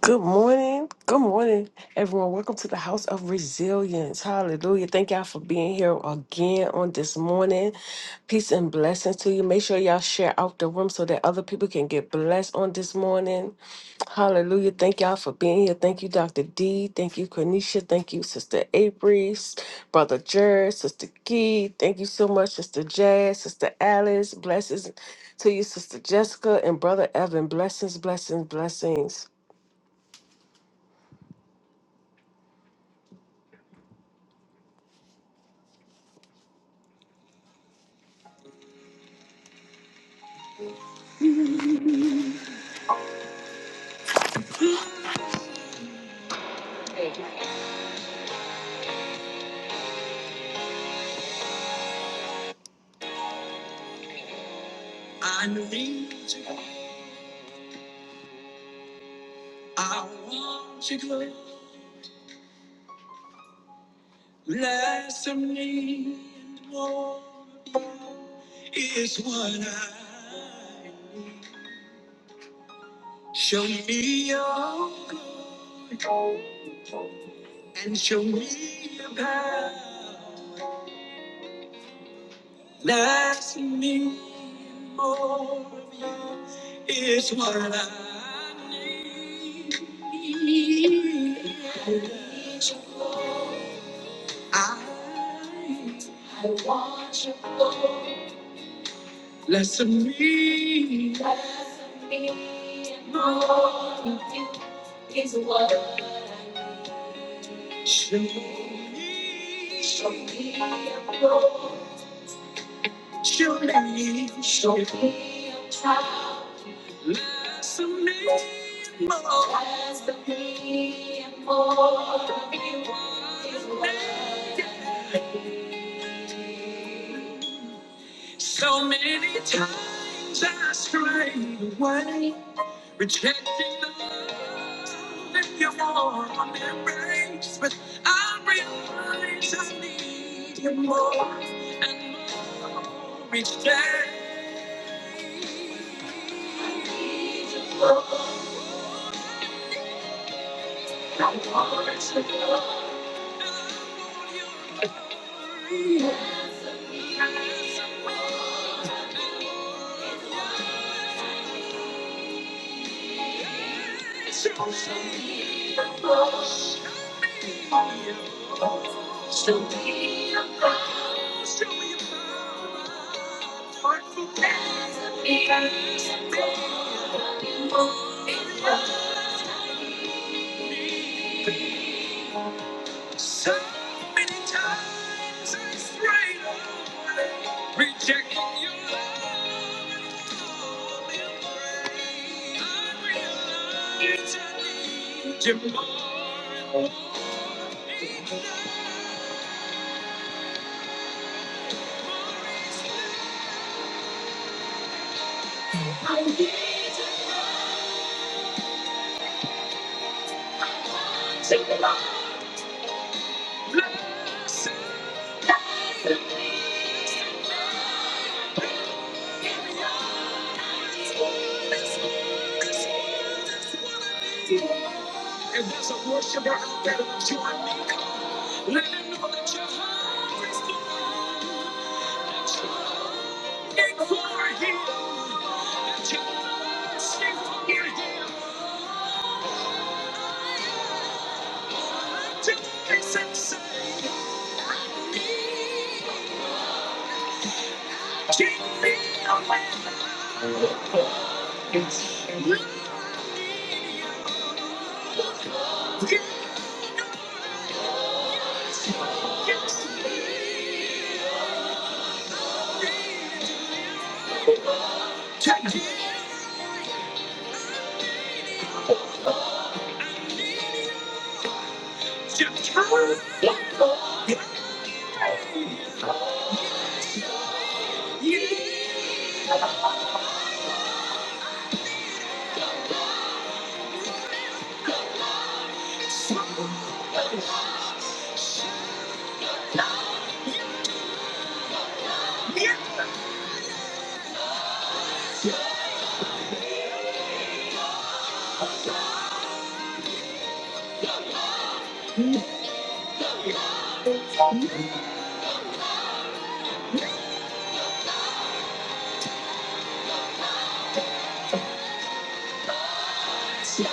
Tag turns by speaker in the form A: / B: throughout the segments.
A: Good morning. Good morning, everyone. Welcome to the House of Resilience. Hallelujah. Thank y'all for being here again on this morning. Peace and blessings to you. Make sure y'all share out the room so that other people can get blessed on this morning. Hallelujah. Thank y'all for being here. Thank you, Dr. D. Thank you, Cornisha. Thank you, Sister Avery, S- Brother Jared, Sister Key. Thank you so much, Sister Jazz, Sister Alice. Blessings to you, Sister Jessica, and Brother Evan. Blessings, blessings, blessings. I need you. I want you close. Less of me and more of you is what I need. Show me your glory and show me your power. Less of me and more of you is what I need. I want you go. Less of me. Less of me and more of you is what I need. Show me. Show me a road. Show me. Show me a trial. Less of me. More. Less of me and more of you is what I need. So many times I strayed away, rejecting the love in your warm embrace. But I realize I need you more and more each day. I want you your glory. So show so show me. So many times I strayed away, rejecting your love and embrace. I realize I need you more and more each day. I need you more. Blessed If there's a worshiper out there that you are meek of, let him know that your heart is for him, that you're looking for him, that you're thirsting for him, that you're facing I need, give me a man. Yeah.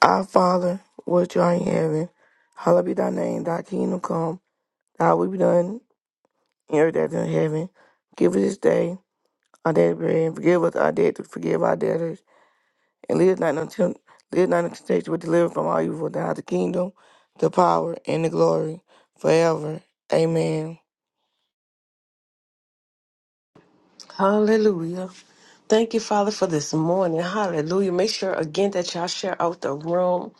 B: Our Father, which art in heaven, hallowed be thy name, thy kingdom come, thy will be done in earth as in heaven. Give us this day our daily bread, and forgive us our debt to forgive our debtors, and lead us not into tempt- lead us not into temptation, but deliver us from all evil. Thou art the kingdom, the power, and the glory, forever. Amen.
A: Hallelujah. Thank you, Father, for this morning. Hallelujah. Make sure again that y'all share out the room.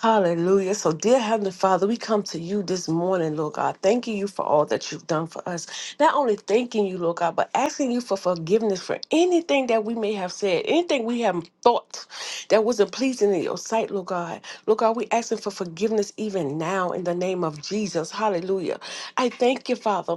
A: Hallelujah. So, dear Heavenly Father, we come to you this morning, Lord God, thanking you for all that you've done for us. Not only thanking you, Lord God, but asking you for forgiveness for anything that we may have said, anything we have thought that wasn't pleasing in your sight, Lord God. Lord God, we asking for forgiveness even now in the name of Jesus. Hallelujah. I thank you, Father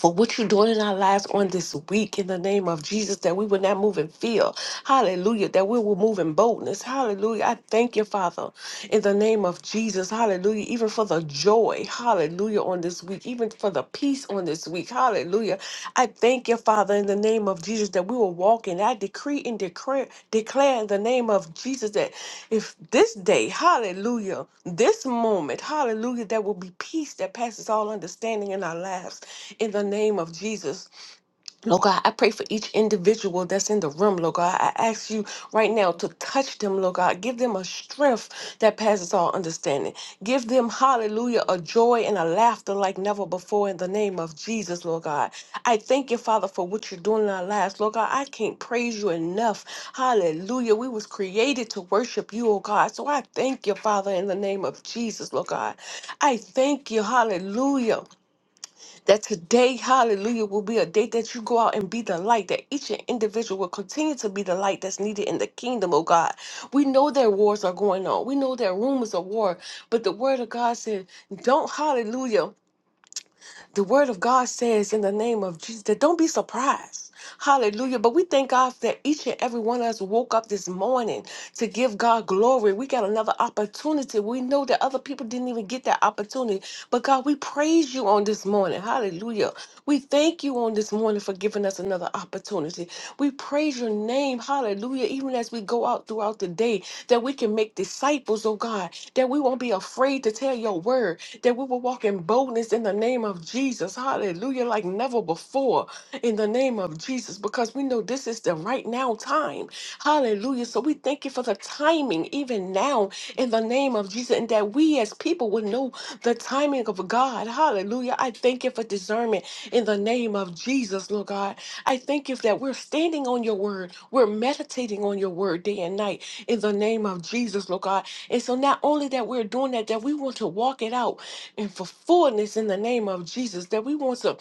A: for what you're doing in our lives on this week in the name of Jesus, that we will not move in fear. Hallelujah. That we will move in boldness. Hallelujah. I thank you, Father, in the name of Jesus. Hallelujah. Even for the joy. Hallelujah. On this week. Even for the peace on this week. Hallelujah. Hallelujah. I thank you, Father, in the name of Jesus, that we will walk in. I decree and declare, declare in the name of Jesus that if this day, hallelujah, this moment, hallelujah, there will be peace that passes all understanding in our lives in the name of Jesus. Lord God, I pray for each individual that's in the room, Lord God. I ask you right now to touch them, Lord God. Give them a strength that passes all understanding. Give them, hallelujah, a joy and a laughter like never before in the name of Jesus, Lord God. I thank you, Father, for what you're doing in our lives. Lord God, I can't praise you enough. Hallelujah. We was created to worship you, oh God. So I thank you, Father, in the name of Jesus, Lord God. I thank you, hallelujah that today, hallelujah, will be a day that you go out and be the light, that each individual will continue to be the light that's needed in the kingdom, oh God. We know that wars are going on. We know that rumors of war, but the word of God said, don't hallelujah the word of God says in the name of Jesus that don't be surprised. Hallelujah. But we thank God that each and every one of us woke up this morning to give God glory. We got another opportunity. We know that other people didn't even get that opportunity. But God, we praise you on this morning. Hallelujah. We thank you on this morning for giving us another opportunity. We praise your name. Hallelujah. Even as we go out throughout the day, that we can make disciples, oh God, that we won't be afraid to tell your word that we will walk in boldness in the name of Jesus. Hallelujah, like never before in the name of Jesus, because we know this is the right now time. Hallelujah. So we thank you for the timing, even now, in the name of Jesus, and that we as people would know the timing of God. Hallelujah. I thank you for discernment in the name of Jesus, Lord God. I thank you that we're standing on your word, we're meditating on your word day and night in the name of Jesus, Lord God. And so not only that we're doing that, that we want to walk it out and for fullness in the name of Jesus, that we want to,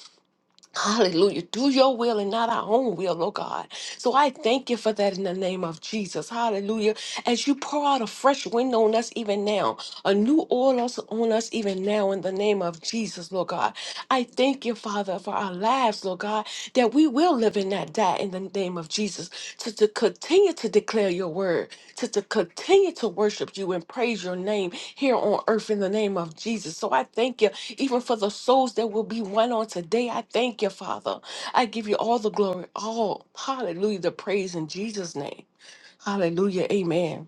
A: hallelujah, do your will and not our own will, oh God. So I thank you for that in the name of Jesus, hallelujah. As you pour out a fresh wind on us even now, a new oil us- on us even now in the name of Jesus, Lord God. I thank you, Father, for our lives, Lord God, that we will live and not die in the name of Jesus, to, to continue to declare your word, to, to continue to worship you and praise your name here on earth in the name of Jesus. So I thank you, even for the souls that will be won on today. I thank you, Father. I give you all the glory, all hallelujah, the praise in Jesus' name. Hallelujah. Amen.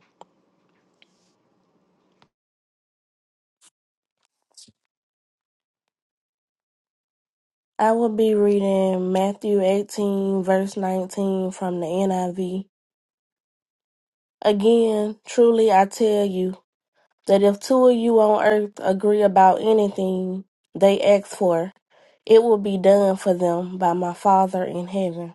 C: I will be reading Matthew 18, verse 19 from the NIV. Again, truly I tell you that if two of you on earth agree about anything they ask for, it will be done for them by my Father in heaven.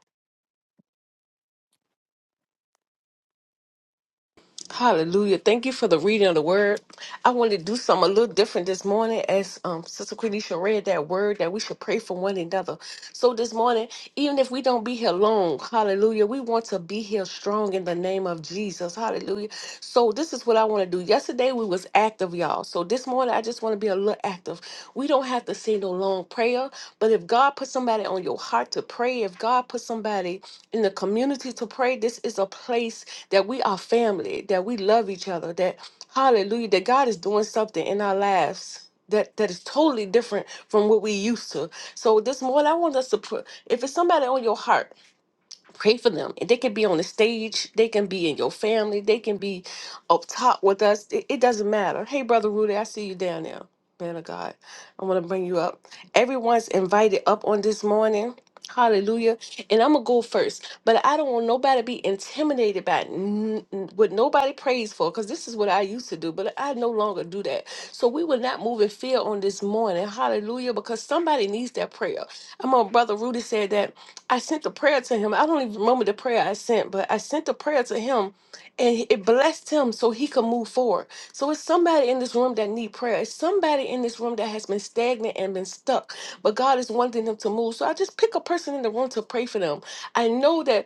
A: Hallelujah. Thank you for the reading of the word. I wanted to do something a little different this morning as um, Sister Quenisha read that word that we should pray for one another. So this morning, even if we don't be here long, hallelujah, we want to be here strong in the name of Jesus. Hallelujah. So this is what I want to do. Yesterday we was active, y'all. So this morning I just want to be a little active. We don't have to say no long prayer, but if God put somebody on your heart to pray, if God put somebody in the community to pray, this is a place that we are family, that we love each other, that hallelujah, that God is doing something in our lives. That, that is totally different from what we used to. So this morning, I want us to put, if it's somebody on your heart, pray for them and they can be on the stage they can be in your family they can be up top with us it, it doesn't matter hey brother rudy i see you down there man of god i want to bring you up everyone's invited up on this morning hallelujah and i'm gonna go first but i don't want nobody to be intimidated by n- n- what nobody prays for because this is what i used to do but i no longer do that so we will not move in fear on this morning hallelujah because somebody needs that prayer i'm on brother rudy said that I sent the prayer to him. I don't even remember the prayer I sent, but I sent the prayer to him and it blessed him so he could move forward. So it's somebody in this room that need prayer. It's somebody in this room that has been stagnant and been stuck, but God is wanting them to move. So I just pick a person in the room to pray for them. I know that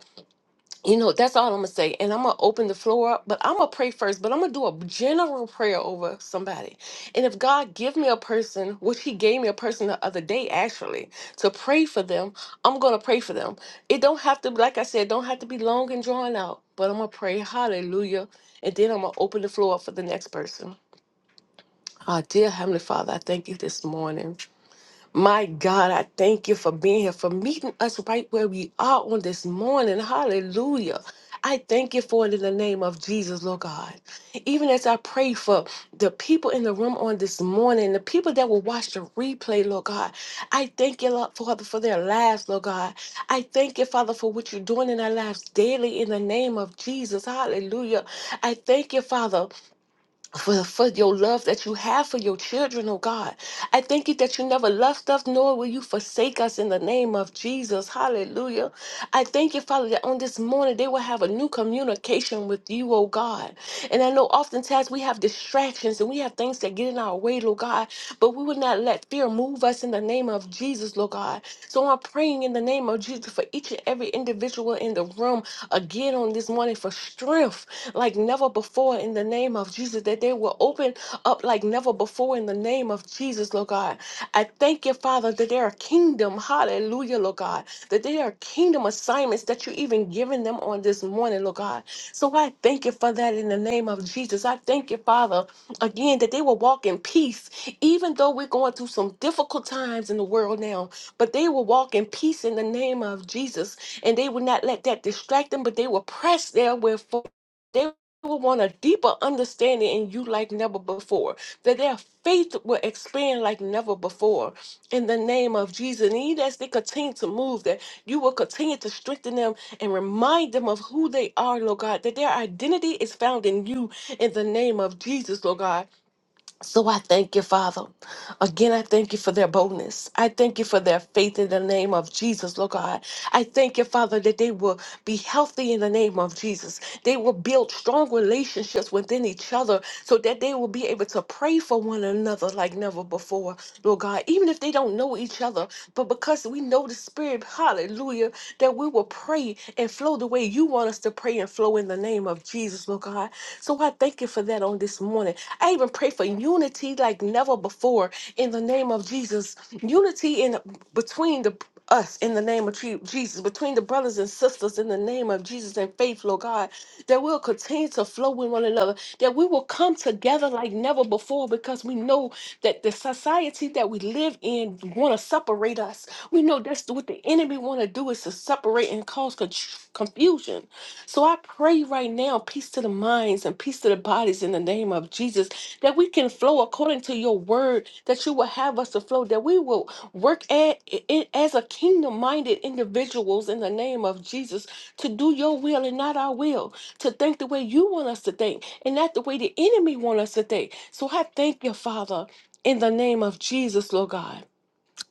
A: you know, that's all I'm gonna say. And I'm gonna open the floor up, but I'm gonna pray first, but I'm gonna do a general prayer over somebody. And if God give me a person, which He gave me a person the other day actually, to pray for them, I'm gonna pray for them. It don't have to, like I said, don't have to be long and drawn out, but I'm gonna pray hallelujah. And then I'm gonna open the floor up for the next person. Ah, dear Heavenly Father, I thank you this morning. My God, I thank you for being here, for meeting us right where we are on this morning. Hallelujah. I thank you for it in the name of Jesus, Lord God. Even as I pray for the people in the room on this morning, the people that will watch the replay, Lord God, I thank you, Lord, Father, for their lives, Lord God. I thank you, Father, for what you're doing in our lives daily in the name of Jesus. Hallelujah. I thank you, Father for, for your love that you have for your children, oh God. I thank you that you never left us, nor will you forsake us in the name of Jesus. Hallelujah. I thank you, Father, that on this morning they will have a new communication with you, oh God. And I know oftentimes we have distractions and we have things that get in our way, Lord God, but we will not let fear move us in the name of Jesus, Lord God. So I'm praying in the name of Jesus for each and every individual in the room again on this morning for strength like never before before in the name of Jesus, that they will open up like never before in the name of Jesus, Lord God. I thank you, Father, that they are kingdom, hallelujah, Lord God, that they are kingdom assignments that you even given them on this morning, Lord God. So I thank you for that in the name of Jesus. I thank you, Father, again, that they will walk in peace, even though we're going through some difficult times in the world now, but they will walk in peace in the name of Jesus, and they will not let that distract them, but they will press their way forward will want a deeper understanding in you like never before, that their faith will expand like never before in the name of Jesus. And even as they continue to move, that you will continue to strengthen them and remind them of who they are, Lord God, that their identity is found in you in the name of Jesus, Lord God. So I thank you, Father. Again, I thank you for their boldness. I thank you for their faith in the name of Jesus, Lord God. I thank you, Father, that they will be healthy in the name of Jesus. They will build strong relationships within each other so that they will be able to pray for one another like never before, Lord God. Even if they don't know each other, but because we know the Spirit, hallelujah, that we will pray and flow the way you want us to pray and flow in the name of Jesus, Lord God. So I thank you for that on this morning. I even pray for unity like never before in the name of Jesus. Unity in between the us in the name of Je- Jesus, between the brothers and sisters in the name of Jesus and faith, Lord God, that we'll continue to flow with one another, that we will come together like never before because we know that the society that we live in want to separate us. We know that's what the enemy want to do is to separate and cause con- confusion so I pray right now, peace to the minds and peace to the bodies in the name of Jesus, that we can flow according to your word, that you will have us to flow, that we will work at it as a kingdom minded individuals in the name of Jesus to do your will and not our will, to think the way you want us to think and not the way the enemy want us to think. So I thank you, Father, in the name of Jesus, Lord God.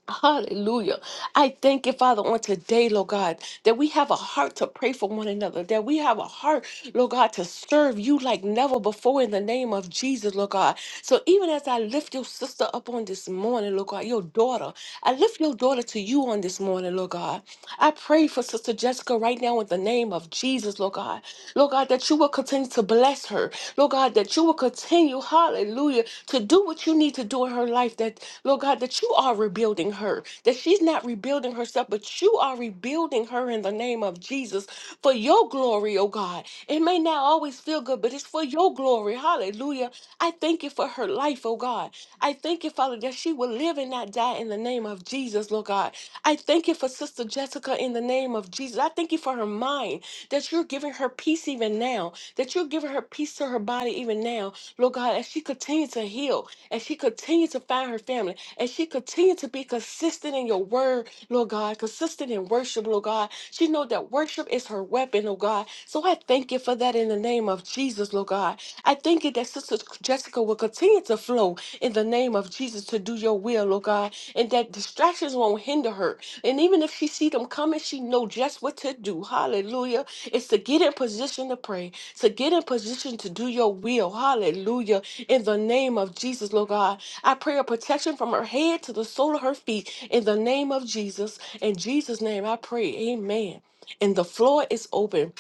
A: Hallelujah. I thank you, Father, on today, Lord God, that we have a heart to pray for one another, that we have a heart, Lord God, to serve you like never before in the name of Jesus, Lord God. So even as I lift your sister up on this morning, Lord God, your daughter, I lift your daughter to you on this morning, Lord God. I pray for Sister Jessica right now in the name of Jesus, Lord God. Lord God, that you will continue to bless her. Lord God, that you will continue, hallelujah, to do what you need to do in her life. That, Lord God, that you are rebuilding her, that she's not rebuilding herself, but you are rebuilding her in the name of Jesus for your glory, oh God. It may not always feel good, but it's for your glory, hallelujah. I thank you for her life, oh God. I thank you, Father, that she will live and not die in the name of Jesus, Lord God. I thank you for Sister Jessica in the name of name of Jesus. I thank you for her mind, that you're giving her peace even now, that you're giving her peace to her body even now. Lord God, as she continues to heal, as she continues to find her family, as she continues to be consistent in your word, Lord God, consistent in worship, Lord God. She know that worship is her weapon, Lord God. So I thank you for that in the name of Jesus, Lord God. I thank you that Sister Jessica will continue to flow in the name of Jesus to do your will, Lord God, and that distractions won't hinder her. And even if she see them coming, she know just what to do. Hallelujah. It's to get in position to pray, to get in position to do your will. Hallelujah. In the name of Jesus, Lord God, I pray a protection from her head to the sole of her feet in the name of Jesus. In Jesus' name I pray. Amen. And the floor is open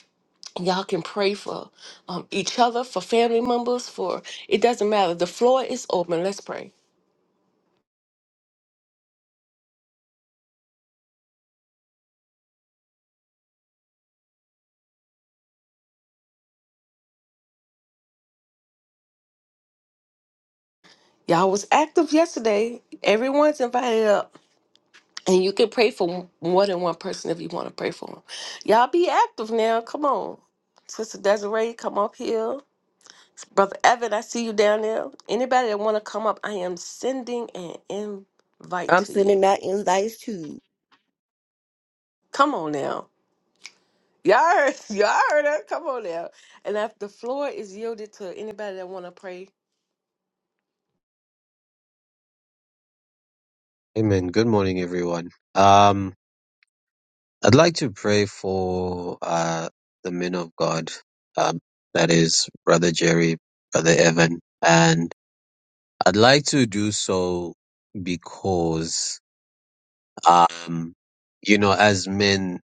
A: y'all can pray for um, each other, for family members, for it doesn't matter. The floor is open. Let's pray. Y'all was active yesterday. Everyone's invited up. And you can pray for more than one person if you want to pray for them. Y'all be active now. Come on. Sister Desiree, come up here. Brother Evan, I see you down there. Anybody that want to come up, I am sending an invite
D: I'm
A: to you.
D: sending out invites too.
A: Come on now. Y'all heard, y'all heard her. Come on now. And if the floor is yielded to anybody that want to pray,
E: Amen. Good morning, everyone. Um, I'd like to pray for uh, the men of God, um, that is Brother Jerry, Brother Evan, and I'd like to do so because, um, you know, as men,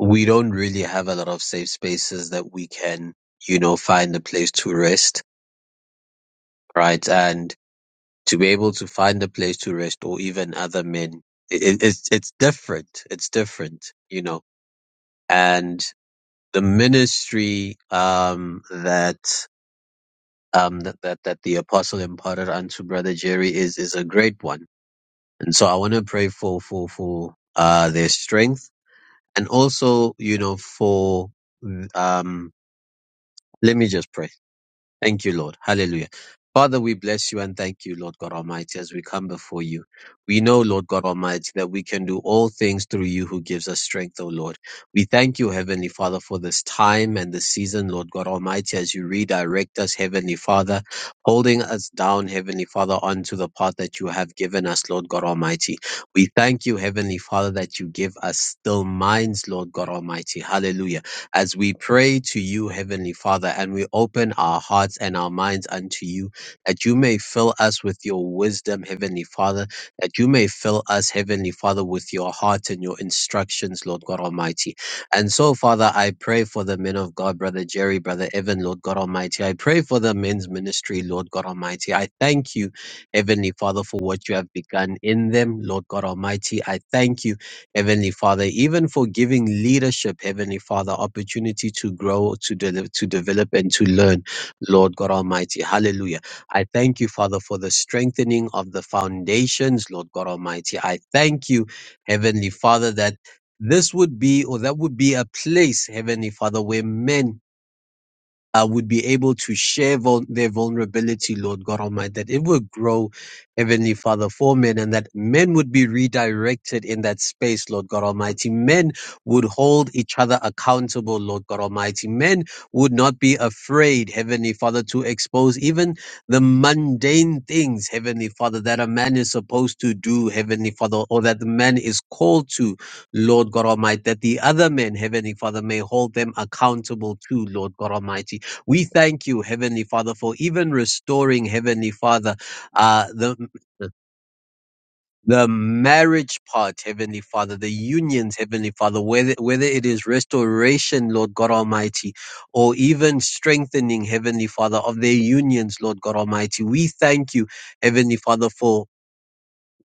E: we don't really have a lot of safe spaces that we can, you know, find a place to rest, right? And to be able to find a place to rest, or even other men, it, it, it's it's different. It's different, you know and the ministry um, that, um, that that that the apostle imparted unto brother Jerry is is a great one. And so I want to pray for for for uh, their strength and also you know for um, let me just pray. Thank you, Lord. Hallelujah. Father, we bless you and thank you, Lord God Almighty, as we come before you. We know, Lord God Almighty, that we can do all things through you who gives us strength, O Lord. We thank you, Heavenly Father, for this time and this season, Lord God Almighty, as you redirect us, Heavenly Father, holding us down, Heavenly Father, onto the path that you have given us, Lord God Almighty. We thank you, Heavenly Father, that you give us still minds, Lord God Almighty. Hallelujah as we pray to you, Heavenly Father, and we open our hearts and our minds unto you, that you may fill us with your wisdom, Heavenly Father, that you may fill us, Heavenly Father, with your heart and your instructions, Lord God Almighty. And so, Father, I pray for the men of God, Brother Jerry, Brother Evan, Lord God Almighty. I pray for the men's ministry, Lord God Almighty. I thank you, Heavenly Father, for what you have begun in them, Lord God Almighty. I thank you. Heavenly Father, even for giving leadership, Heavenly Father, opportunity to grow, to, de- to develop, and to learn, Lord God Almighty. Hallelujah. I thank you, Father, for the strengthening of the foundations, Lord God Almighty. I thank you, Heavenly Father, that this would be, or that would be a place, Heavenly Father, where men uh, would be able to share vul- their vulnerability, Lord God Almighty, that it would grow, Heavenly Father, for men and that men would be redirected in that space, Lord God Almighty. Men would hold each other accountable, Lord God Almighty. Men would not be afraid, Heavenly Father, to expose even the mundane things, Heavenly Father, that a man is supposed to do, Heavenly Father, or that the man is called to, Lord God Almighty, that the other men, Heavenly Father, may hold them accountable to, Lord God Almighty. We thank you, Heavenly Father, for even restoring, Heavenly Father, uh, the the marriage part, Heavenly Father, the unions, Heavenly Father, whether, whether it is restoration, Lord God Almighty, or even strengthening, Heavenly Father, of their unions, Lord God Almighty. We thank you, Heavenly Father, for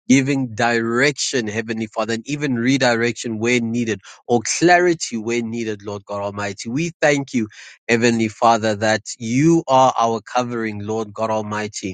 E: giving direction, Heavenly Father, and even redirection where needed or clarity where needed, Lord God Almighty. We thank you, Heavenly Father, that you are our covering, Lord God Almighty.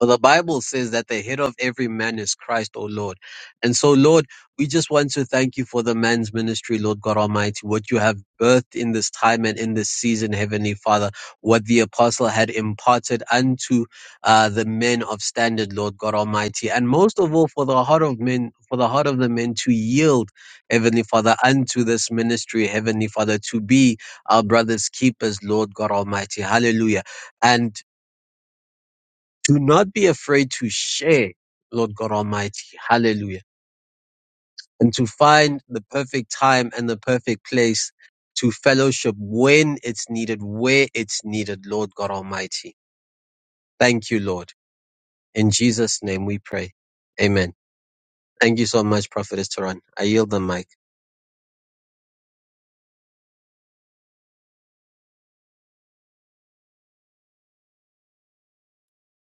E: For the Bible says that the head of every man is Christ, O Lord. And so, Lord, we just want to thank you for the man's ministry, Lord God Almighty, what you have birthed in this time and in this season, Heavenly Father, what the apostle had imparted unto uh, the men of standard, Lord God Almighty. And most of all, for the heart of men, for the heart of the men to yield, Heavenly Father, unto this ministry, Heavenly Father, to be our brother's keepers, Lord God Almighty. Hallelujah. And do not be afraid to share, Lord God Almighty. Hallelujah. And to find the perfect time and the perfect place to fellowship when it's needed, where it's needed, Lord God Almighty. Thank you, Lord. In Jesus' name we pray. Amen. Thank you so much, Prophetess Turan. I yield the mic.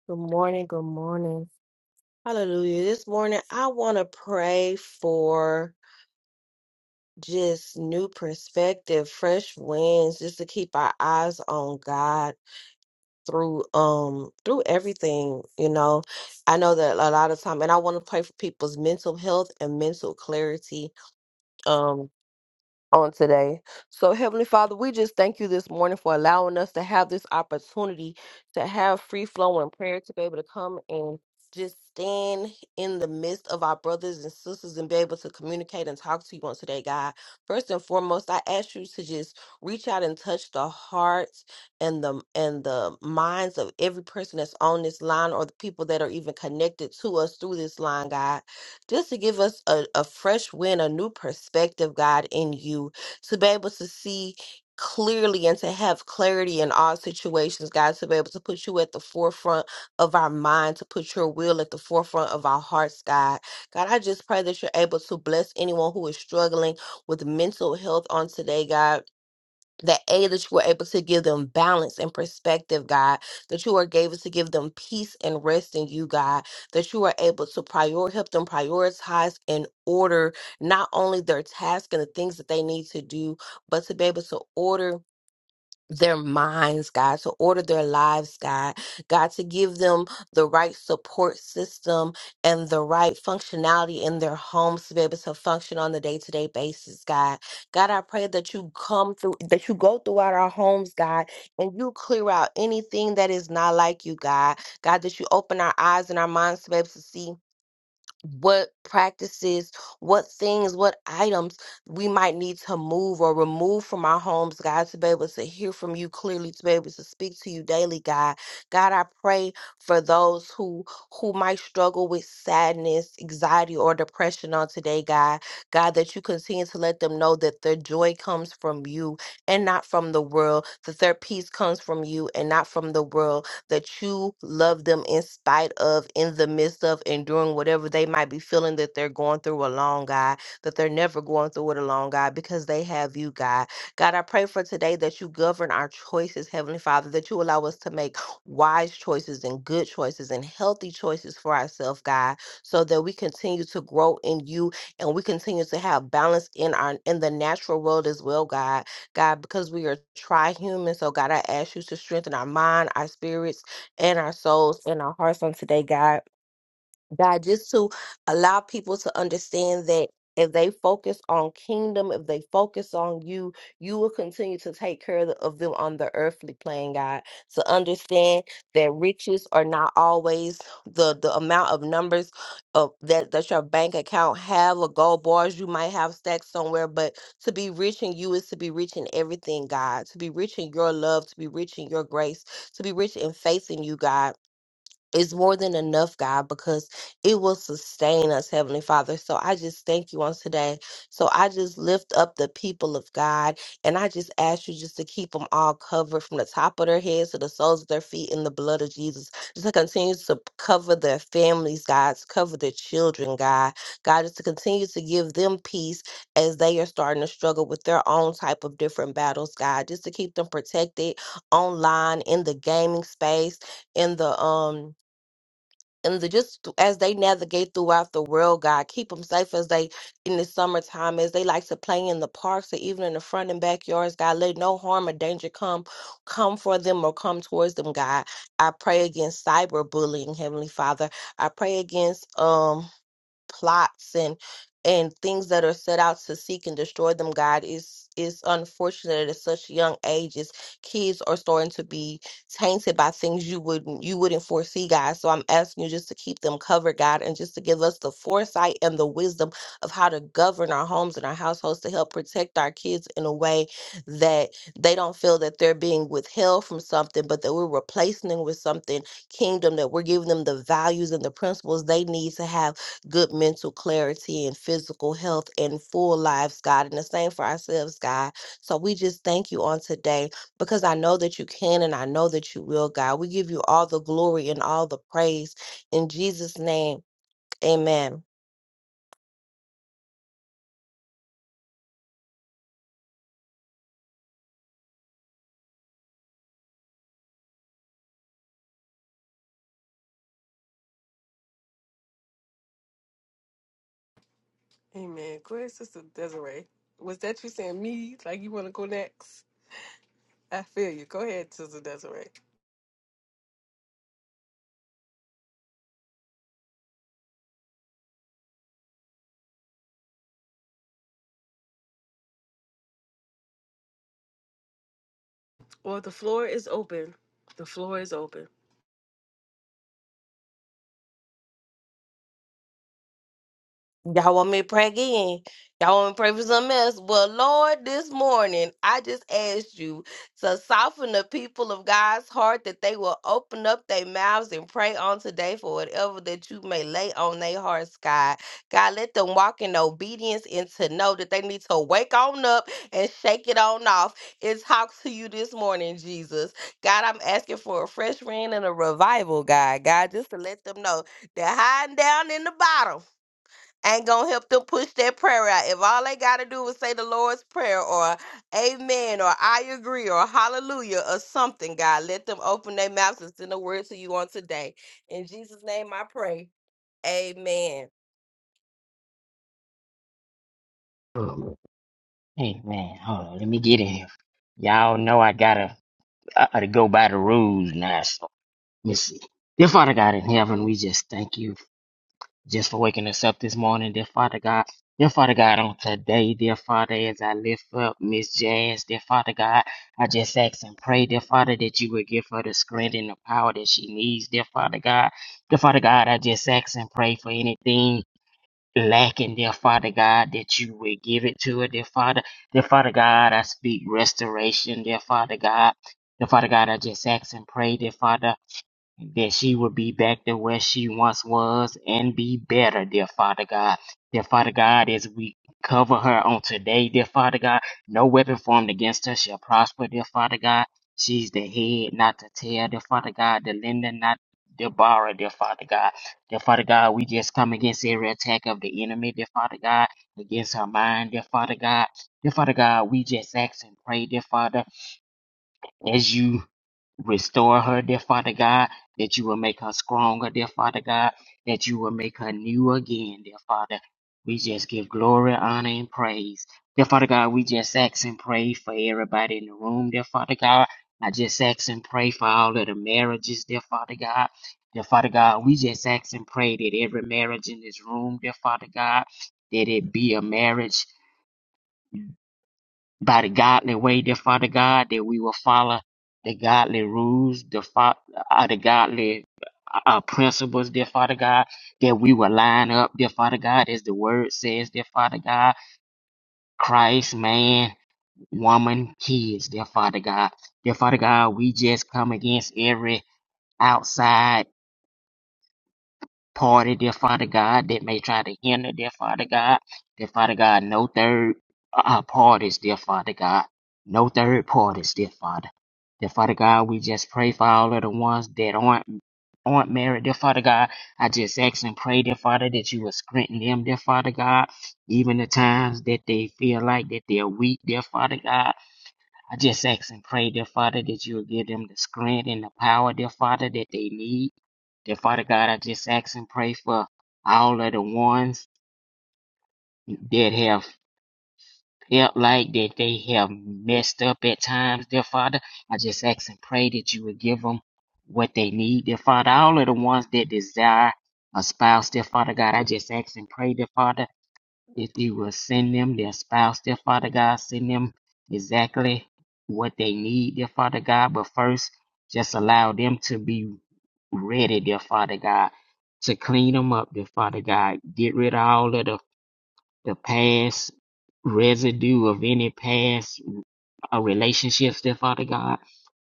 D: Good morning. Good morning. Hallelujah. This morning, I want to pray for just new perspective, fresh winds, just to keep our eyes on God through um through everything you know i know that a lot of time and i want to pray for people's mental health and mental clarity um, on today. So, Heavenly Father, we just thank you this morning for allowing us to have this opportunity to have free flowing prayer, to be able to come and just stand in the midst of our brothers and sisters and be able to communicate and talk to you on today, God. First and foremost, I ask you to just reach out and touch the hearts and the and the minds of every person that's on this line or the people that are even connected to us through this line, God just to give us a, a fresh wind, a new perspective, God, in you, to be able to see clearly and to have clarity in all situations, God, to be able to put you at the forefront of our mind, to put your will at the forefront of our hearts, God. God, I just pray that you're able to bless anyone who is struggling with mental health on today, God that A, that you were able to give them balance and perspective, God, that you are able to give them peace and rest in you, God, that you are able to prior help them prioritize and order not only their task and the things that they need to do, but to be able to order their minds, God, to order their lives, God, God, to give them the right support system and the right functionality in their homes to be able to function on the day to day basis, God. God, I pray that you come through, that you go throughout our homes, God, and you clear out anything that is not like you, God. God, that you open our eyes and our minds to be able to see what practices, what things, what items we might need to move or remove from our homes, God, to be able to hear from you clearly, to be able to speak to you daily, God. God, I pray for those who who might struggle with sadness, anxiety, or depression on today, God. God, that you continue to let them know that their joy comes from you and not from the world, that their peace comes from you and not from the world that you love them in spite of, in the midst of, enduring whatever they might be feeling that they're going through alone, God, that they're never going through it alone, God, because they have you, God. God, I pray for today that you govern our choices, Heavenly Father, that you allow us to make wise choices and good choices and healthy choices for ourselves, God, so that we continue to grow in you and we continue to have balance in our in the natural world as well, God God, because we are tri-human. So God, I ask you to strengthen our mind, our spirits, and our souls and our hearts on today, God. God, just to allow people to understand that if they focus on kingdom, if they focus on you, you will continue to take care th- of them on the earthly plane, God. To understand that riches are not always the the amount of numbers of that that your bank account have or gold bars you might have stacked somewhere, but to be rich in you is to be rich in everything, God. To be rich in your love, to be rich in your grace, to be rich in faith in you, God it's more than enough, God, because it will sustain us, Heavenly Father. So I just thank you on today. So I just lift up the people of God and I just ask you just to keep them all covered from the top of their heads to the soles of their feet in the blood of Jesus. Just to continue to cover their families, God, to cover their children, God. God, just to continue to give them peace as they are starting to struggle with their own type of different battles, God, just to keep them protected online, in the gaming space, in the, um, and the, just th- as they navigate throughout the world, God, keep them safe as they in the summertime, as they like to play in the parks or even in the front and backyards, God, let no harm or danger come come for them or come towards them, God. I pray against cyberbullying, Heavenly Father. I pray against um plots and and things that are set out to seek and destroy them god is is unfortunate at such young ages kids are starting to be tainted by things you wouldn't you wouldn't foresee god so i'm asking you just to keep them covered god and just to give us the foresight and the wisdom of how to govern our homes and our households to help protect our kids in a way that they don't feel that they're being withheld from something but that we're replacing them with something kingdom that we're giving them the values and the principles they need to have good mental clarity and physical health and full lives, God, and the same for ourselves, God. So we just thank you on today because I know that you can and I know that you will, God. We give you all the glory and all the praise in Jesus' name. Amen.
A: Amen. Go ahead, Sister Desiree. Was that you saying me? Like you want to go next? I feel you. Go ahead, Sister Desiree. Well, the floor is open. The floor is open.
D: Y'all want me to pray again? Y'all want me to pray for something else? Well, Lord, this morning I just asked you to soften the people of God's heart that they will open up their mouths and pray on today for whatever that you may lay on their hearts, God. God, let them walk in obedience and to know that they need to wake on up and shake it on off. It's talk to you this morning, Jesus. God, I'm asking for a fresh rain and a revival, God. God, just to let them know they're hiding down in the bottom ain't gonna help them push that prayer out. If all they gotta do is say the Lord's Prayer or Amen or I agree or Hallelujah or something, God, let them open their mouths and send a word to you on today. In Jesus' name I pray. Amen.
F: Um, hey man, hold on, let me get in here. Y'all know I gotta, I gotta go by the rules now. So let me see. Dear Father God in heaven, we just thank you just for waking us up this morning. Dear Father God, dear Father God, on today, dear Father, as I lift up Miss Jazz, dear Father God, I just ask and pray, dear Father, that you would give her the strength and the power that she needs, dear Father God. Dear Father God, I just ask and pray for anything lacking, dear Father God, that you would give it to it, dear Father. Dear Father God, I speak restoration, dear Father God. Dear Father God, I just ask and pray, dear Father that she would be back to where she once was and be better, dear Father God. Dear Father God, as we cover her on today, dear Father God, no weapon formed against her shall prosper, dear Father God. She's the head, not the tail, dear Father God, the lender, not the borrower, dear Father God. Dear Father God, we just come against every attack of the enemy, dear Father God, against her mind, dear Father God. Dear Father God, we just ask and pray, dear Father as you restore her, dear Father God, that you will make her stronger, dear Father God, that you will make her new again, dear Father. We just give glory, honor, and praise. Dear Father God, we just ask and pray for everybody in the room, dear Father God. I just ask and pray for all of the marriages, dear Father God. Dear Father God, we just ask and pray that every marriage in this room, dear Father God, that it be a marriage by the godly way, dear Father God, that we will follow the godly rules, the, fa- uh, the godly uh, uh, principles, dear Father God, that we will line up, dear Father God, as the word says, dear Father God, Christ, man, woman, kids, dear Father God. Dear Father God, we just come against every outside. party, dear Father God, that may try to hinder, dear Father God. Dear Father God, no third uh, parties, dear Father God. No third parties, dear Father. Dear Father God, we just pray for all of the ones that aren't aren't married, dear Father God. I just ask and pray, dear Father, that you will strengthen them, dear Father God. Even the times that they feel like that they're weak, dear Father God. I just ask and pray, dear Father, that you will give them the strength and the power, dear Father, that they need. Dear Father God, I just ask and pray for all of the ones that have felt like that they have messed up at times, dear Father. I just ask and pray that you will give them what they need, dear Father. All of the ones that desire a spouse, dear Father God, I just ask and pray, dear Father if you will send them their spouse, their Father God, send them exactly what they need, their Father God. But first, just allow them to be ready, dear Father God, to clean them up, dear Father God. Get rid of all of the, the past residue of any past uh, relationships, dear Father God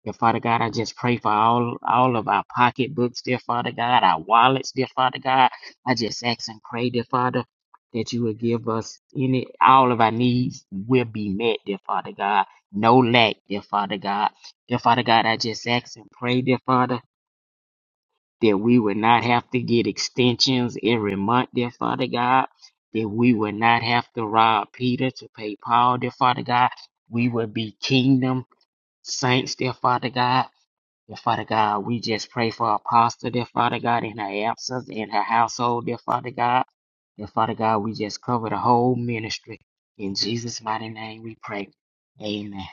F: Dear Father God, I just pray for all, all of our pocketbooks, dear Father God, our wallets, dear Father God. I just ask and pray, dear Father, that you will give us any, all of our needs will be met, dear Father God. No lack, dear Father God. Dear Father God, I just ask and pray, dear Father, that we will not have to get extensions every month, dear Father God. That we will not have to rob Peter to pay Paul, dear Father God. We will be kingdom saints, dear Father God Dear Father God, we just pray for Apostle, dear Father God, in her absence, in her household, dear Father God. Dear Father God, we just cover the whole ministry. In Jesus' mighty name we pray. Amen.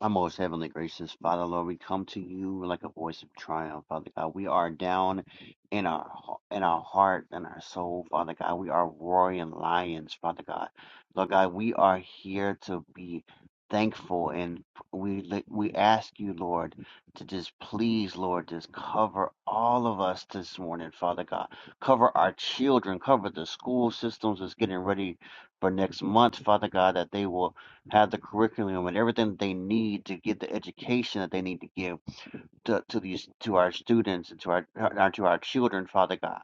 G: Our most heavenly gracious Father, Lord, we come to you like a voice of triumph, Father God. We are down in our in our heart and our soul, Father God. We are roaring lions, Father God. Lord God, we are here to be thankful, and we we ask you, Lord, to just please, Lord, just cover all of us this morning, Father God. Cover our children, cover the school systems that's getting ready for next month, Father God, that they will have the curriculum and everything that they need to get the education that they need to give to, to these to our students and to our, our to our children, Father God.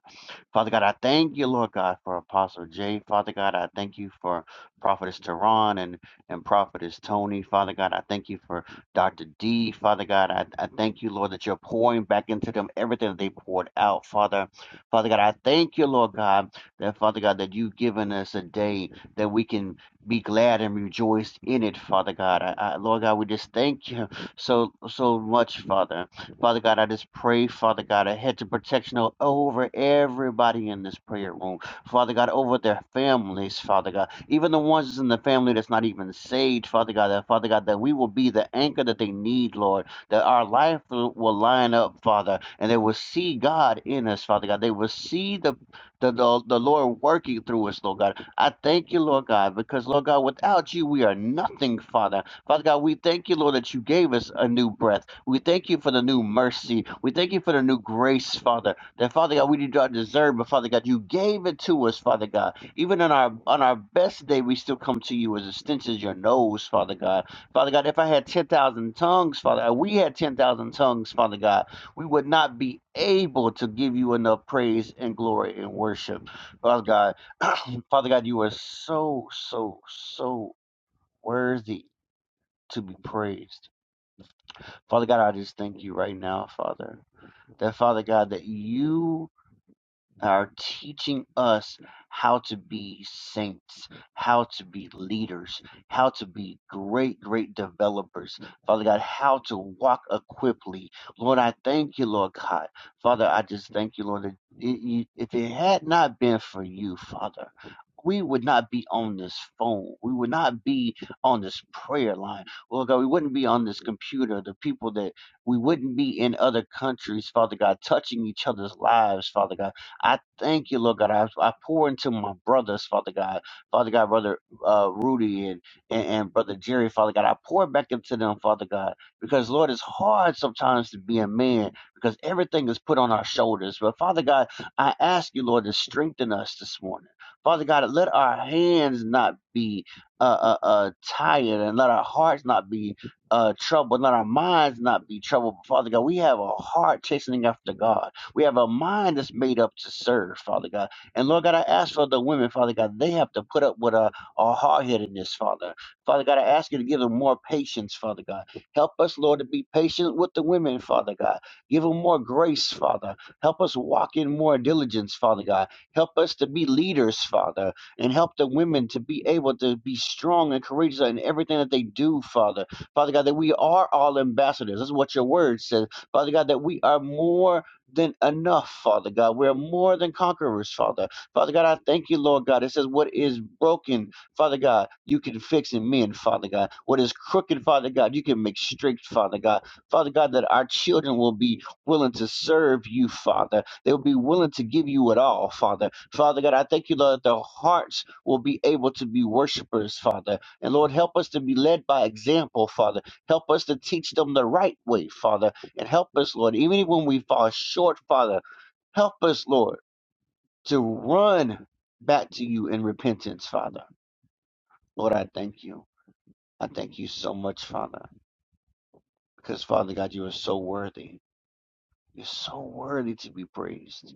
G: Father God, I thank you, Lord God, for Apostle Jay. Father God, I thank you for Prophetess Tehran and, and Prophetess Tony. Father God, I thank you for Dr. D. Father God, I, I thank you, Lord, that you're pouring back into them everything that they poured out, Father. Father God, I thank you, Lord God, that Father God, that you've given us a day that we can be glad and rejoice in it, Father God. I, I, Lord God, we just thank you so so much, Father. Father God, I just pray, Father God, a hedge of protection over everybody in this prayer room. Father God, over their families, Father God. Even the ones that's in the family that's not even saved, Father God, that Father God, that we will be the anchor that they need, Lord. That our life will will line up, Father, and they will see God in us, Father God. They will see the the, the, the Lord working through us, Lord God. I thank you, Lord God, because Lord God, without you we are nothing, Father. Father God, we thank you, Lord, that you gave us a new breath. We thank you for the new mercy. We thank you for the new grace, Father. That Father God, we did not deserve, but Father God, you gave it to us, Father God. Even on our on our best day, we still come to you as a stench as your nose, Father God. Father God, if I had ten thousand tongues, Father, God, we had ten thousand tongues, Father God, we would not be able to give you enough praise and glory and worship, Father God. Father God, you are so so so worthy to be praised. Father God, I just thank you right now, Father. That Father God, that you are teaching us how to be saints, how to be leaders, how to be great, great developers. Father God, how to walk equiply. Lord, I thank you, Lord God. Father, I just thank you, Lord, that it- you- if it had not been for you, Father, we would not be on this phone. We would not be on this prayer line. Lord God, we wouldn't be on this computer. The people that we wouldn't be in other countries, Father God, touching each other's lives, Father God. I thank you, Lord God. I, I pour into my brothers, Father God. Father God, Brother uh, Rudy and, and, and Brother Jerry, Father God. I pour back into them, Father God. Because, Lord, it's hard sometimes to be a man because everything is put on our shoulders. But, Father God, I ask you, Lord, to strengthen us this morning. Father God, let our hands not be uh, uh, uh, tired and let our hearts not be uh, troubled, let our minds not be troubled. Father God, we have a heart chastening after God. We have a mind that's made up to serve, Father God. And Lord God, I ask for the women, Father God, they have to put up with our, our hard headedness, Father. Father God, I ask you to give them more patience, Father God. Help us, Lord, to be patient with the women, Father God. Give them more grace, Father. Help us walk in more diligence, Father God. Help us to be leaders, Father, and help the women to be able to be strong and courageous in everything that they do, Father. Father God, that we are all ambassadors. That's what your word says. Father God, that we are more than enough, Father God. We're more than conquerors, Father. Father God, I thank you, Lord God. It says, What is broken, Father God, you can fix and mend, Father God. What is crooked, Father God, you can make straight, Father God. Father God, that our children will be willing to serve you, Father. They'll be willing to give you it all, Father. Father God, I thank you, Lord, that their hearts will be able to be worshipers, Father. And Lord, help us to be led by example, Father. Help us to teach them the right way, Father. And help us, Lord, even when we fall short, Father, help us, Lord, to run back to you in repentance, Father. Lord, I thank you. I thank you so much, Father, because, Father God, you are so worthy. You're so worthy to be praised.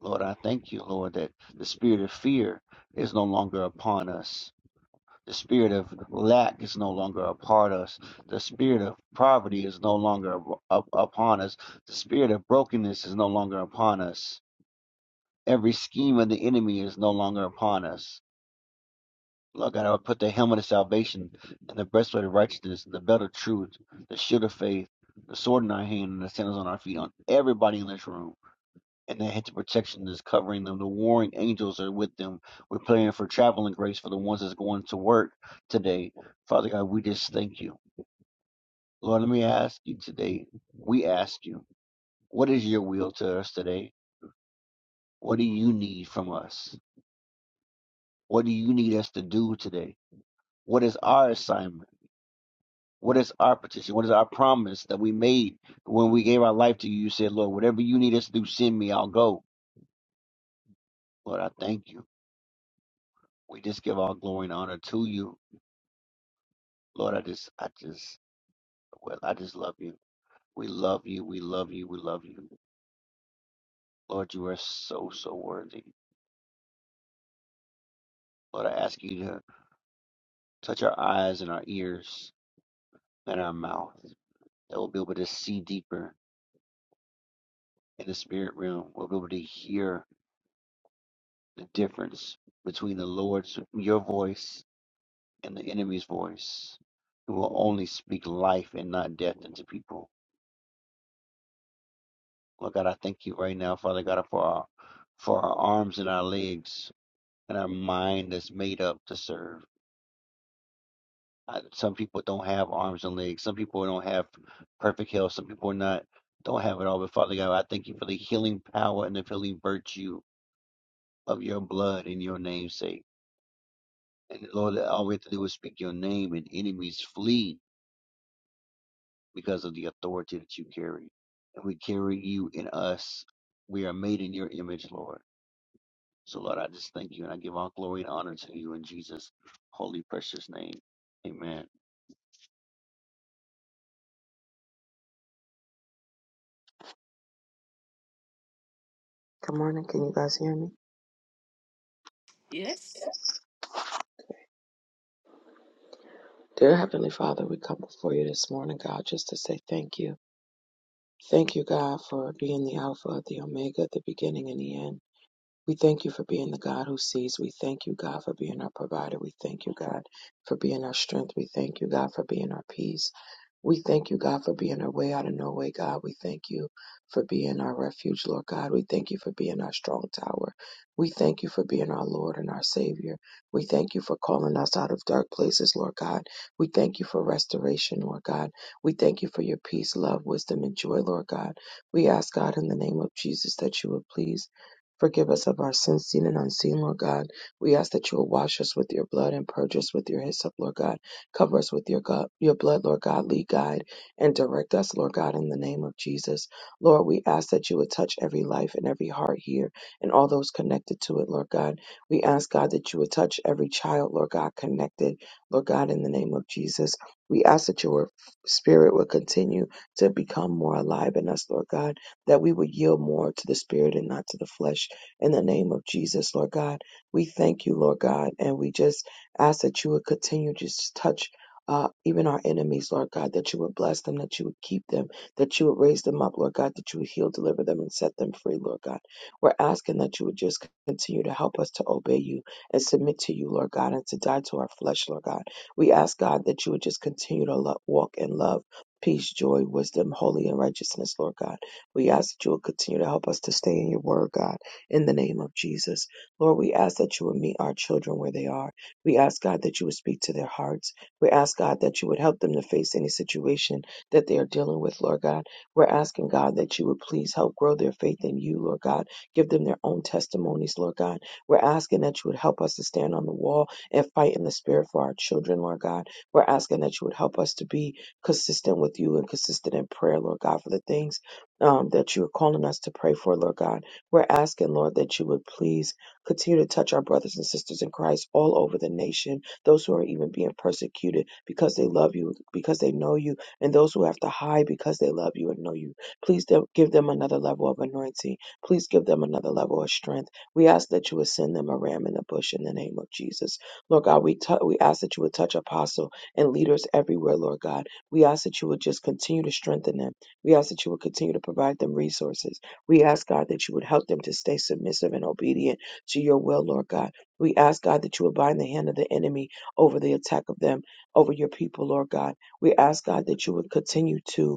G: Lord, I thank you, Lord, that the spirit of fear is no longer upon us. The spirit of lack is no longer upon us. The spirit of poverty is no longer up, upon us. The spirit of brokenness is no longer upon us Every scheme of the enemy is no longer upon us. Lord God, I would put the helmet of salvation and the breastplate of righteousness, the belt of truth, the shield of faith, the sword in our hand, and the sandals on our feet on everybody in this room. And the hedge of protection is covering them. The warring angels are with them. We're praying for traveling grace for the ones that's going to work today. Father God, we just thank you. Lord, let me ask you today. We ask you, what is your will to us today? What do you need from us? What do you need us to do today? What is our assignment? What is our petition? What is our promise that we made when we gave our life to you? You said, Lord, whatever you need us to do, send me, I'll go. Lord, I thank you. We just give all glory and honor to you. Lord, I just, I just, well, I just love you. We love you. We love you. We love you. Lord, you are so, so worthy. Lord, I ask you to touch our eyes and our ears and our mouth that we'll be able to see deeper in the spirit realm. We'll be able to hear the difference between the Lord's your voice and the enemy's voice, who will only speak life and not death into people. Lord God, I thank you right now, Father God, for our for our arms and our legs and our mind that's made up to serve. I, some people don't have arms and legs. Some people don't have perfect health. Some people are not don't have it all. But Father God, I thank you for the healing power and the healing virtue of your blood in your name's sake. And Lord, all we have to do is speak your name and enemies flee because of the authority that you carry. And we carry you in us. We are made in your image, Lord. So, Lord, I just thank you and I give all glory and honor to you in Jesus' holy, precious name. Amen.
H: Good morning. Can you guys hear me?
A: Yes.
H: Yes. Dear Heavenly Father, we come before you this morning, God, just to say thank you. Thank you, God, for being the Alpha, the Omega, the beginning and the end. We thank you for being the God who sees. We thank you, God, for being our provider. We thank you, God, for being our strength. We thank you, God, for being our peace. We thank you, God, for being our way out of no way, God. We thank you for being our refuge, Lord God. We thank you for being our strong tower. We thank you for being our Lord and our Savior. We thank you for calling us out of dark places, Lord God. We thank you for restoration, Lord God. We thank you for your peace, love, wisdom, and joy, Lord God. We ask, God, in the name of Jesus, that you would please. Forgive us of our sins, seen and unseen, Lord God. We ask that you will wash us with your blood and purge us with your hyssop, Lord God Cover us with your God, your blood, Lord God. Lead, guide, and direct us, Lord God, in the name of Jesus. Lord, we ask that you would touch every life and every heart here and all those connected to it, Lord God. We ask, God, that you would touch every child, Lord God, connected, Lord God, in the name of Jesus. We ask that your spirit would continue to become more alive in us, Lord God, that we would yield more to the spirit and not to the flesh in the name of Jesus, Lord God. We thank you, Lord God, and we just ask that you would continue to just touch uh, even our enemies, Lord God, that you would bless them, that you would keep them, that you would raise them up, Lord God, that you would heal, deliver them, and set them free, Lord God. We're asking that you would just continue to help us to obey you and submit to you, Lord God, and to die to our flesh, Lord God. We ask, God, that you would just continue to lo- walk in love, peace, joy, wisdom, holy, and righteousness, Lord God. We ask that you will continue to help us to stay in your word, God, in the name of Jesus. Lord, we ask that you will meet our children where they are. We ask God that you would speak to their hearts. We ask God that you would help them to face any situation that they are dealing with, Lord God. We're asking God that you would please help grow their faith in you, Lord God. Give them their own testimonies, Lord God. We're asking that you would help us to stand on the wall and fight in the spirit for our children, Lord God. We're asking that you would help us to be consistent with you and consistent in prayer, Lord God, for the things um, that you're calling us to pray for, Lord God. We're asking, Lord, that you would please Continue to touch our brothers and sisters in Christ all over the nation, those who are even being persecuted because they love you, because they know you, and those who have to hide because they love you and know you. Please do- give them another level of anointing. Please give them another level of strength. We ask that you would send them a ram in the bush in the name of Jesus. Lord God, we, tou- we ask that you would touch apostle and leaders everywhere, Lord God. We ask that you would just continue to strengthen them. We ask that you would continue to provide them resources. We ask, God, that you would help them to stay submissive and obedient to your will, Lord God. We ask, God, that you will bind the hand of the enemy over the attack of them, over your people, Lord God. We ask, God, that you would continue to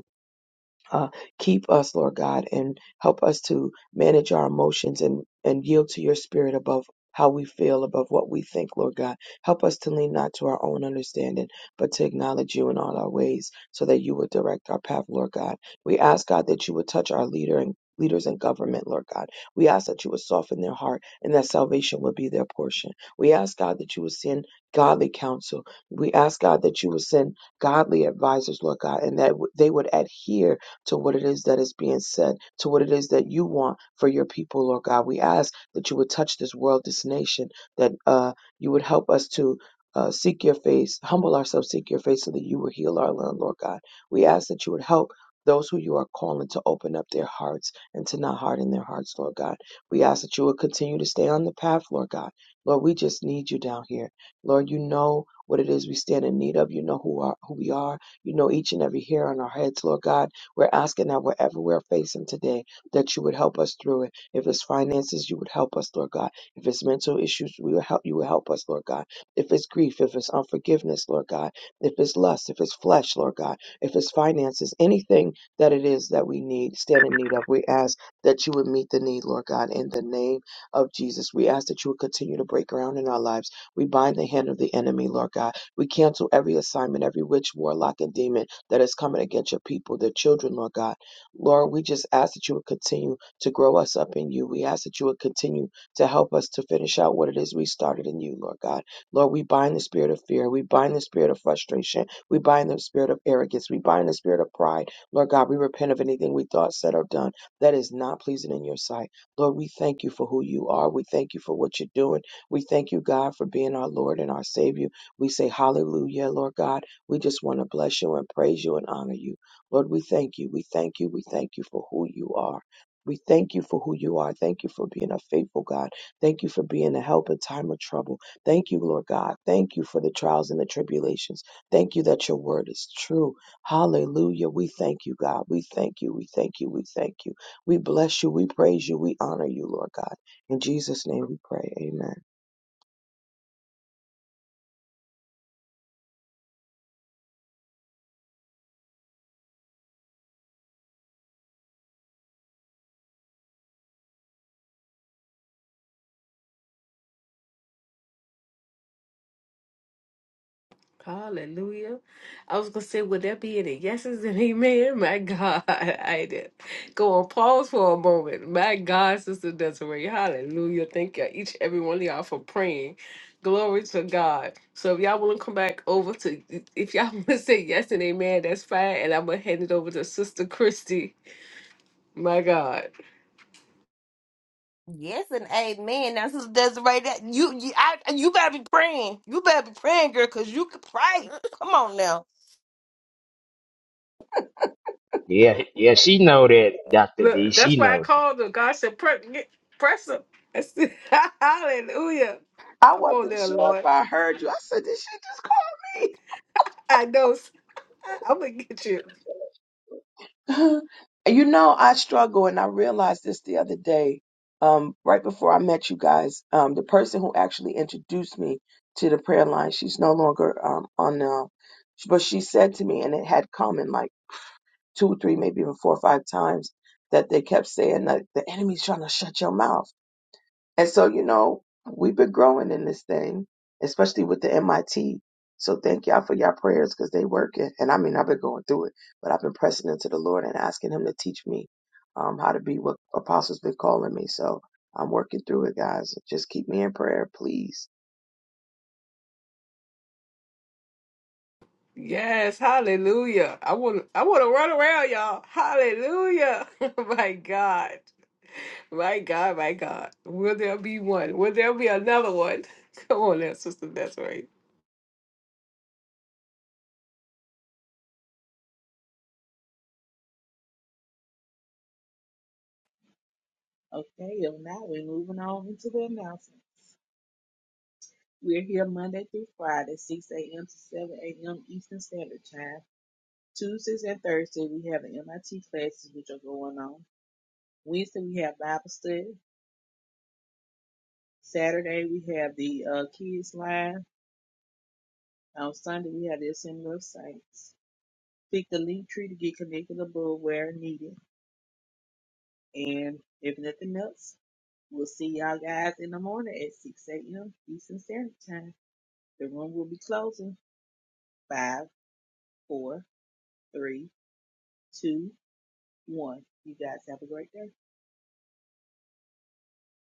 H: uh, keep us, Lord God, and help us to manage our emotions and, and yield to your spirit above how we feel, above what we think, Lord God. Help us to lean not to our own understanding, but to acknowledge you in all our ways so that you would direct our path, Lord God. We ask, God, that you would touch our leader and leaders in government, Lord God. We ask that you would soften their heart and that salvation would be their portion. We ask, God, that you would send godly counsel. We ask, God, that you would send godly advisors, Lord God, and that w- they would adhere to what it is that is being said, to what it is that you want for your people, Lord God. We ask that you would touch this world, this nation, that uh, you would help us to. Uh, seek your face, humble ourselves, seek your face so that you will heal our land, Lord God. We ask that you would help those who you are calling to open up their hearts and to not harden their hearts, Lord God. We ask that you would continue to stay on the path, Lord God. Lord, we just need you down here. Lord, you know what it is we stand in need of. You know who are who we are. You know each and every hair on our heads, Lord God. We're asking that wherever we're facing today, that you would help us through it. If it's finances, you would help us, Lord God. If it's mental issues, we will help you will help us, Lord God. If it's grief, if it's unforgiveness, Lord God. If it's lust, if it's flesh, Lord God. If it's finances, anything that it is that we need, stand in need of, we ask that you would meet the need, Lord God, in the name of Jesus. We ask that you would continue to break ground in our lives. We bind the hand of the enemy, Lord God. We cancel every assignment, every witch, warlock, and demon that is coming against your people, their children, Lord God. Lord, we just ask that you would continue to grow us up in you. We ask that you would continue to help us to finish out what it is we started in you, Lord God. Lord, we bind the spirit of fear. We bind the spirit of frustration. We bind the spirit of arrogance. We bind the spirit of pride. Lord God, we repent of anything we thought, said, or done that is not pleasing in your sight. Lord, we thank you for who you are. We thank you for what you're doing. We thank you, God, for being our Lord and our Savior. We say hallelujah, Lord God. We just want to bless you and praise you and honor you. Lord, we thank you. We thank you. We thank you for who you are. We thank you for who you are. Thank you for being a faithful God. Thank you for being a help in time of trouble. Thank you, Lord God. Thank you for the trials and the tribulations. Thank you that your word is true. Hallelujah. We thank you, God. We thank you. We thank you. We thank you. We bless you. We praise you. We honor you, Lord God. In Jesus' name we pray. Amen.
A: Hallelujah. I was gonna say, would there be any yeses and amen? My God, I did go on pause for a moment. My God, Sister Desiree, Hallelujah. Thank you, each and every one of y'all for praying. Glory to God. So if y'all want to come back over to, if y'all want to say yes and amen, that's fine. And I'm gonna hand it over to Sister Christy. My God,
D: Yes and amen. Now, Sister Desiree, that you you I, you better be praying. You better be praying, girl, because you can pray. Come on now.
F: Yeah, yeah, she know that, Dr. D.
A: look, that's
F: She
A: why I
F: knows.
A: called her. God said, "Pre- get- press her. Hallelujah.
H: I
A: Come on
H: wasn't
A: there,
H: sure if
A: Lord.
H: I heard you. I said, did she just call me?
A: I know. I'm gonna get you.
H: you know, I struggle, and I realized this the other day, um, right before I met you guys. Um, the person who actually introduced me to the prayer line, she's no longer um, on now, but she said to me, and it had come in like two or three, maybe even four or five times, that they kept saying that the enemy's trying to shut your mouth. And so, you know, we've been growing in this thing, especially with the MIT. So thank y'all for y'all prayers because they working. And I mean, I've been going through it, but I've been pressing into the Lord and asking Him to teach me um, how to be what Apostle's been calling me. So I'm working through it, guys. Just keep me in prayer, please.
A: Yes, hallelujah. I want I want to run around, y'all. Hallelujah. my God. My God, my God. Will there be one? Will there be another one? Come on now, sister. Desiree.
I: Okay, if not, we're moving on into the announcements. We're here Monday through Friday, 6 a.m. to 7 a.m. Eastern Standard Time. Tuesdays and Thursdays, we have the MIT classes, which are going on. Wednesday, we have Bible study. Saturday, we have the uh, kids line. On Sunday, we have the Assembly of Saints. Pick the link tree to get connected above where needed. And if nothing else, we'll see y'all guys in the morning at 6 a.m. Eastern Standard Time. The room will be closing. Five, four, three, two, one. You guys have a great day.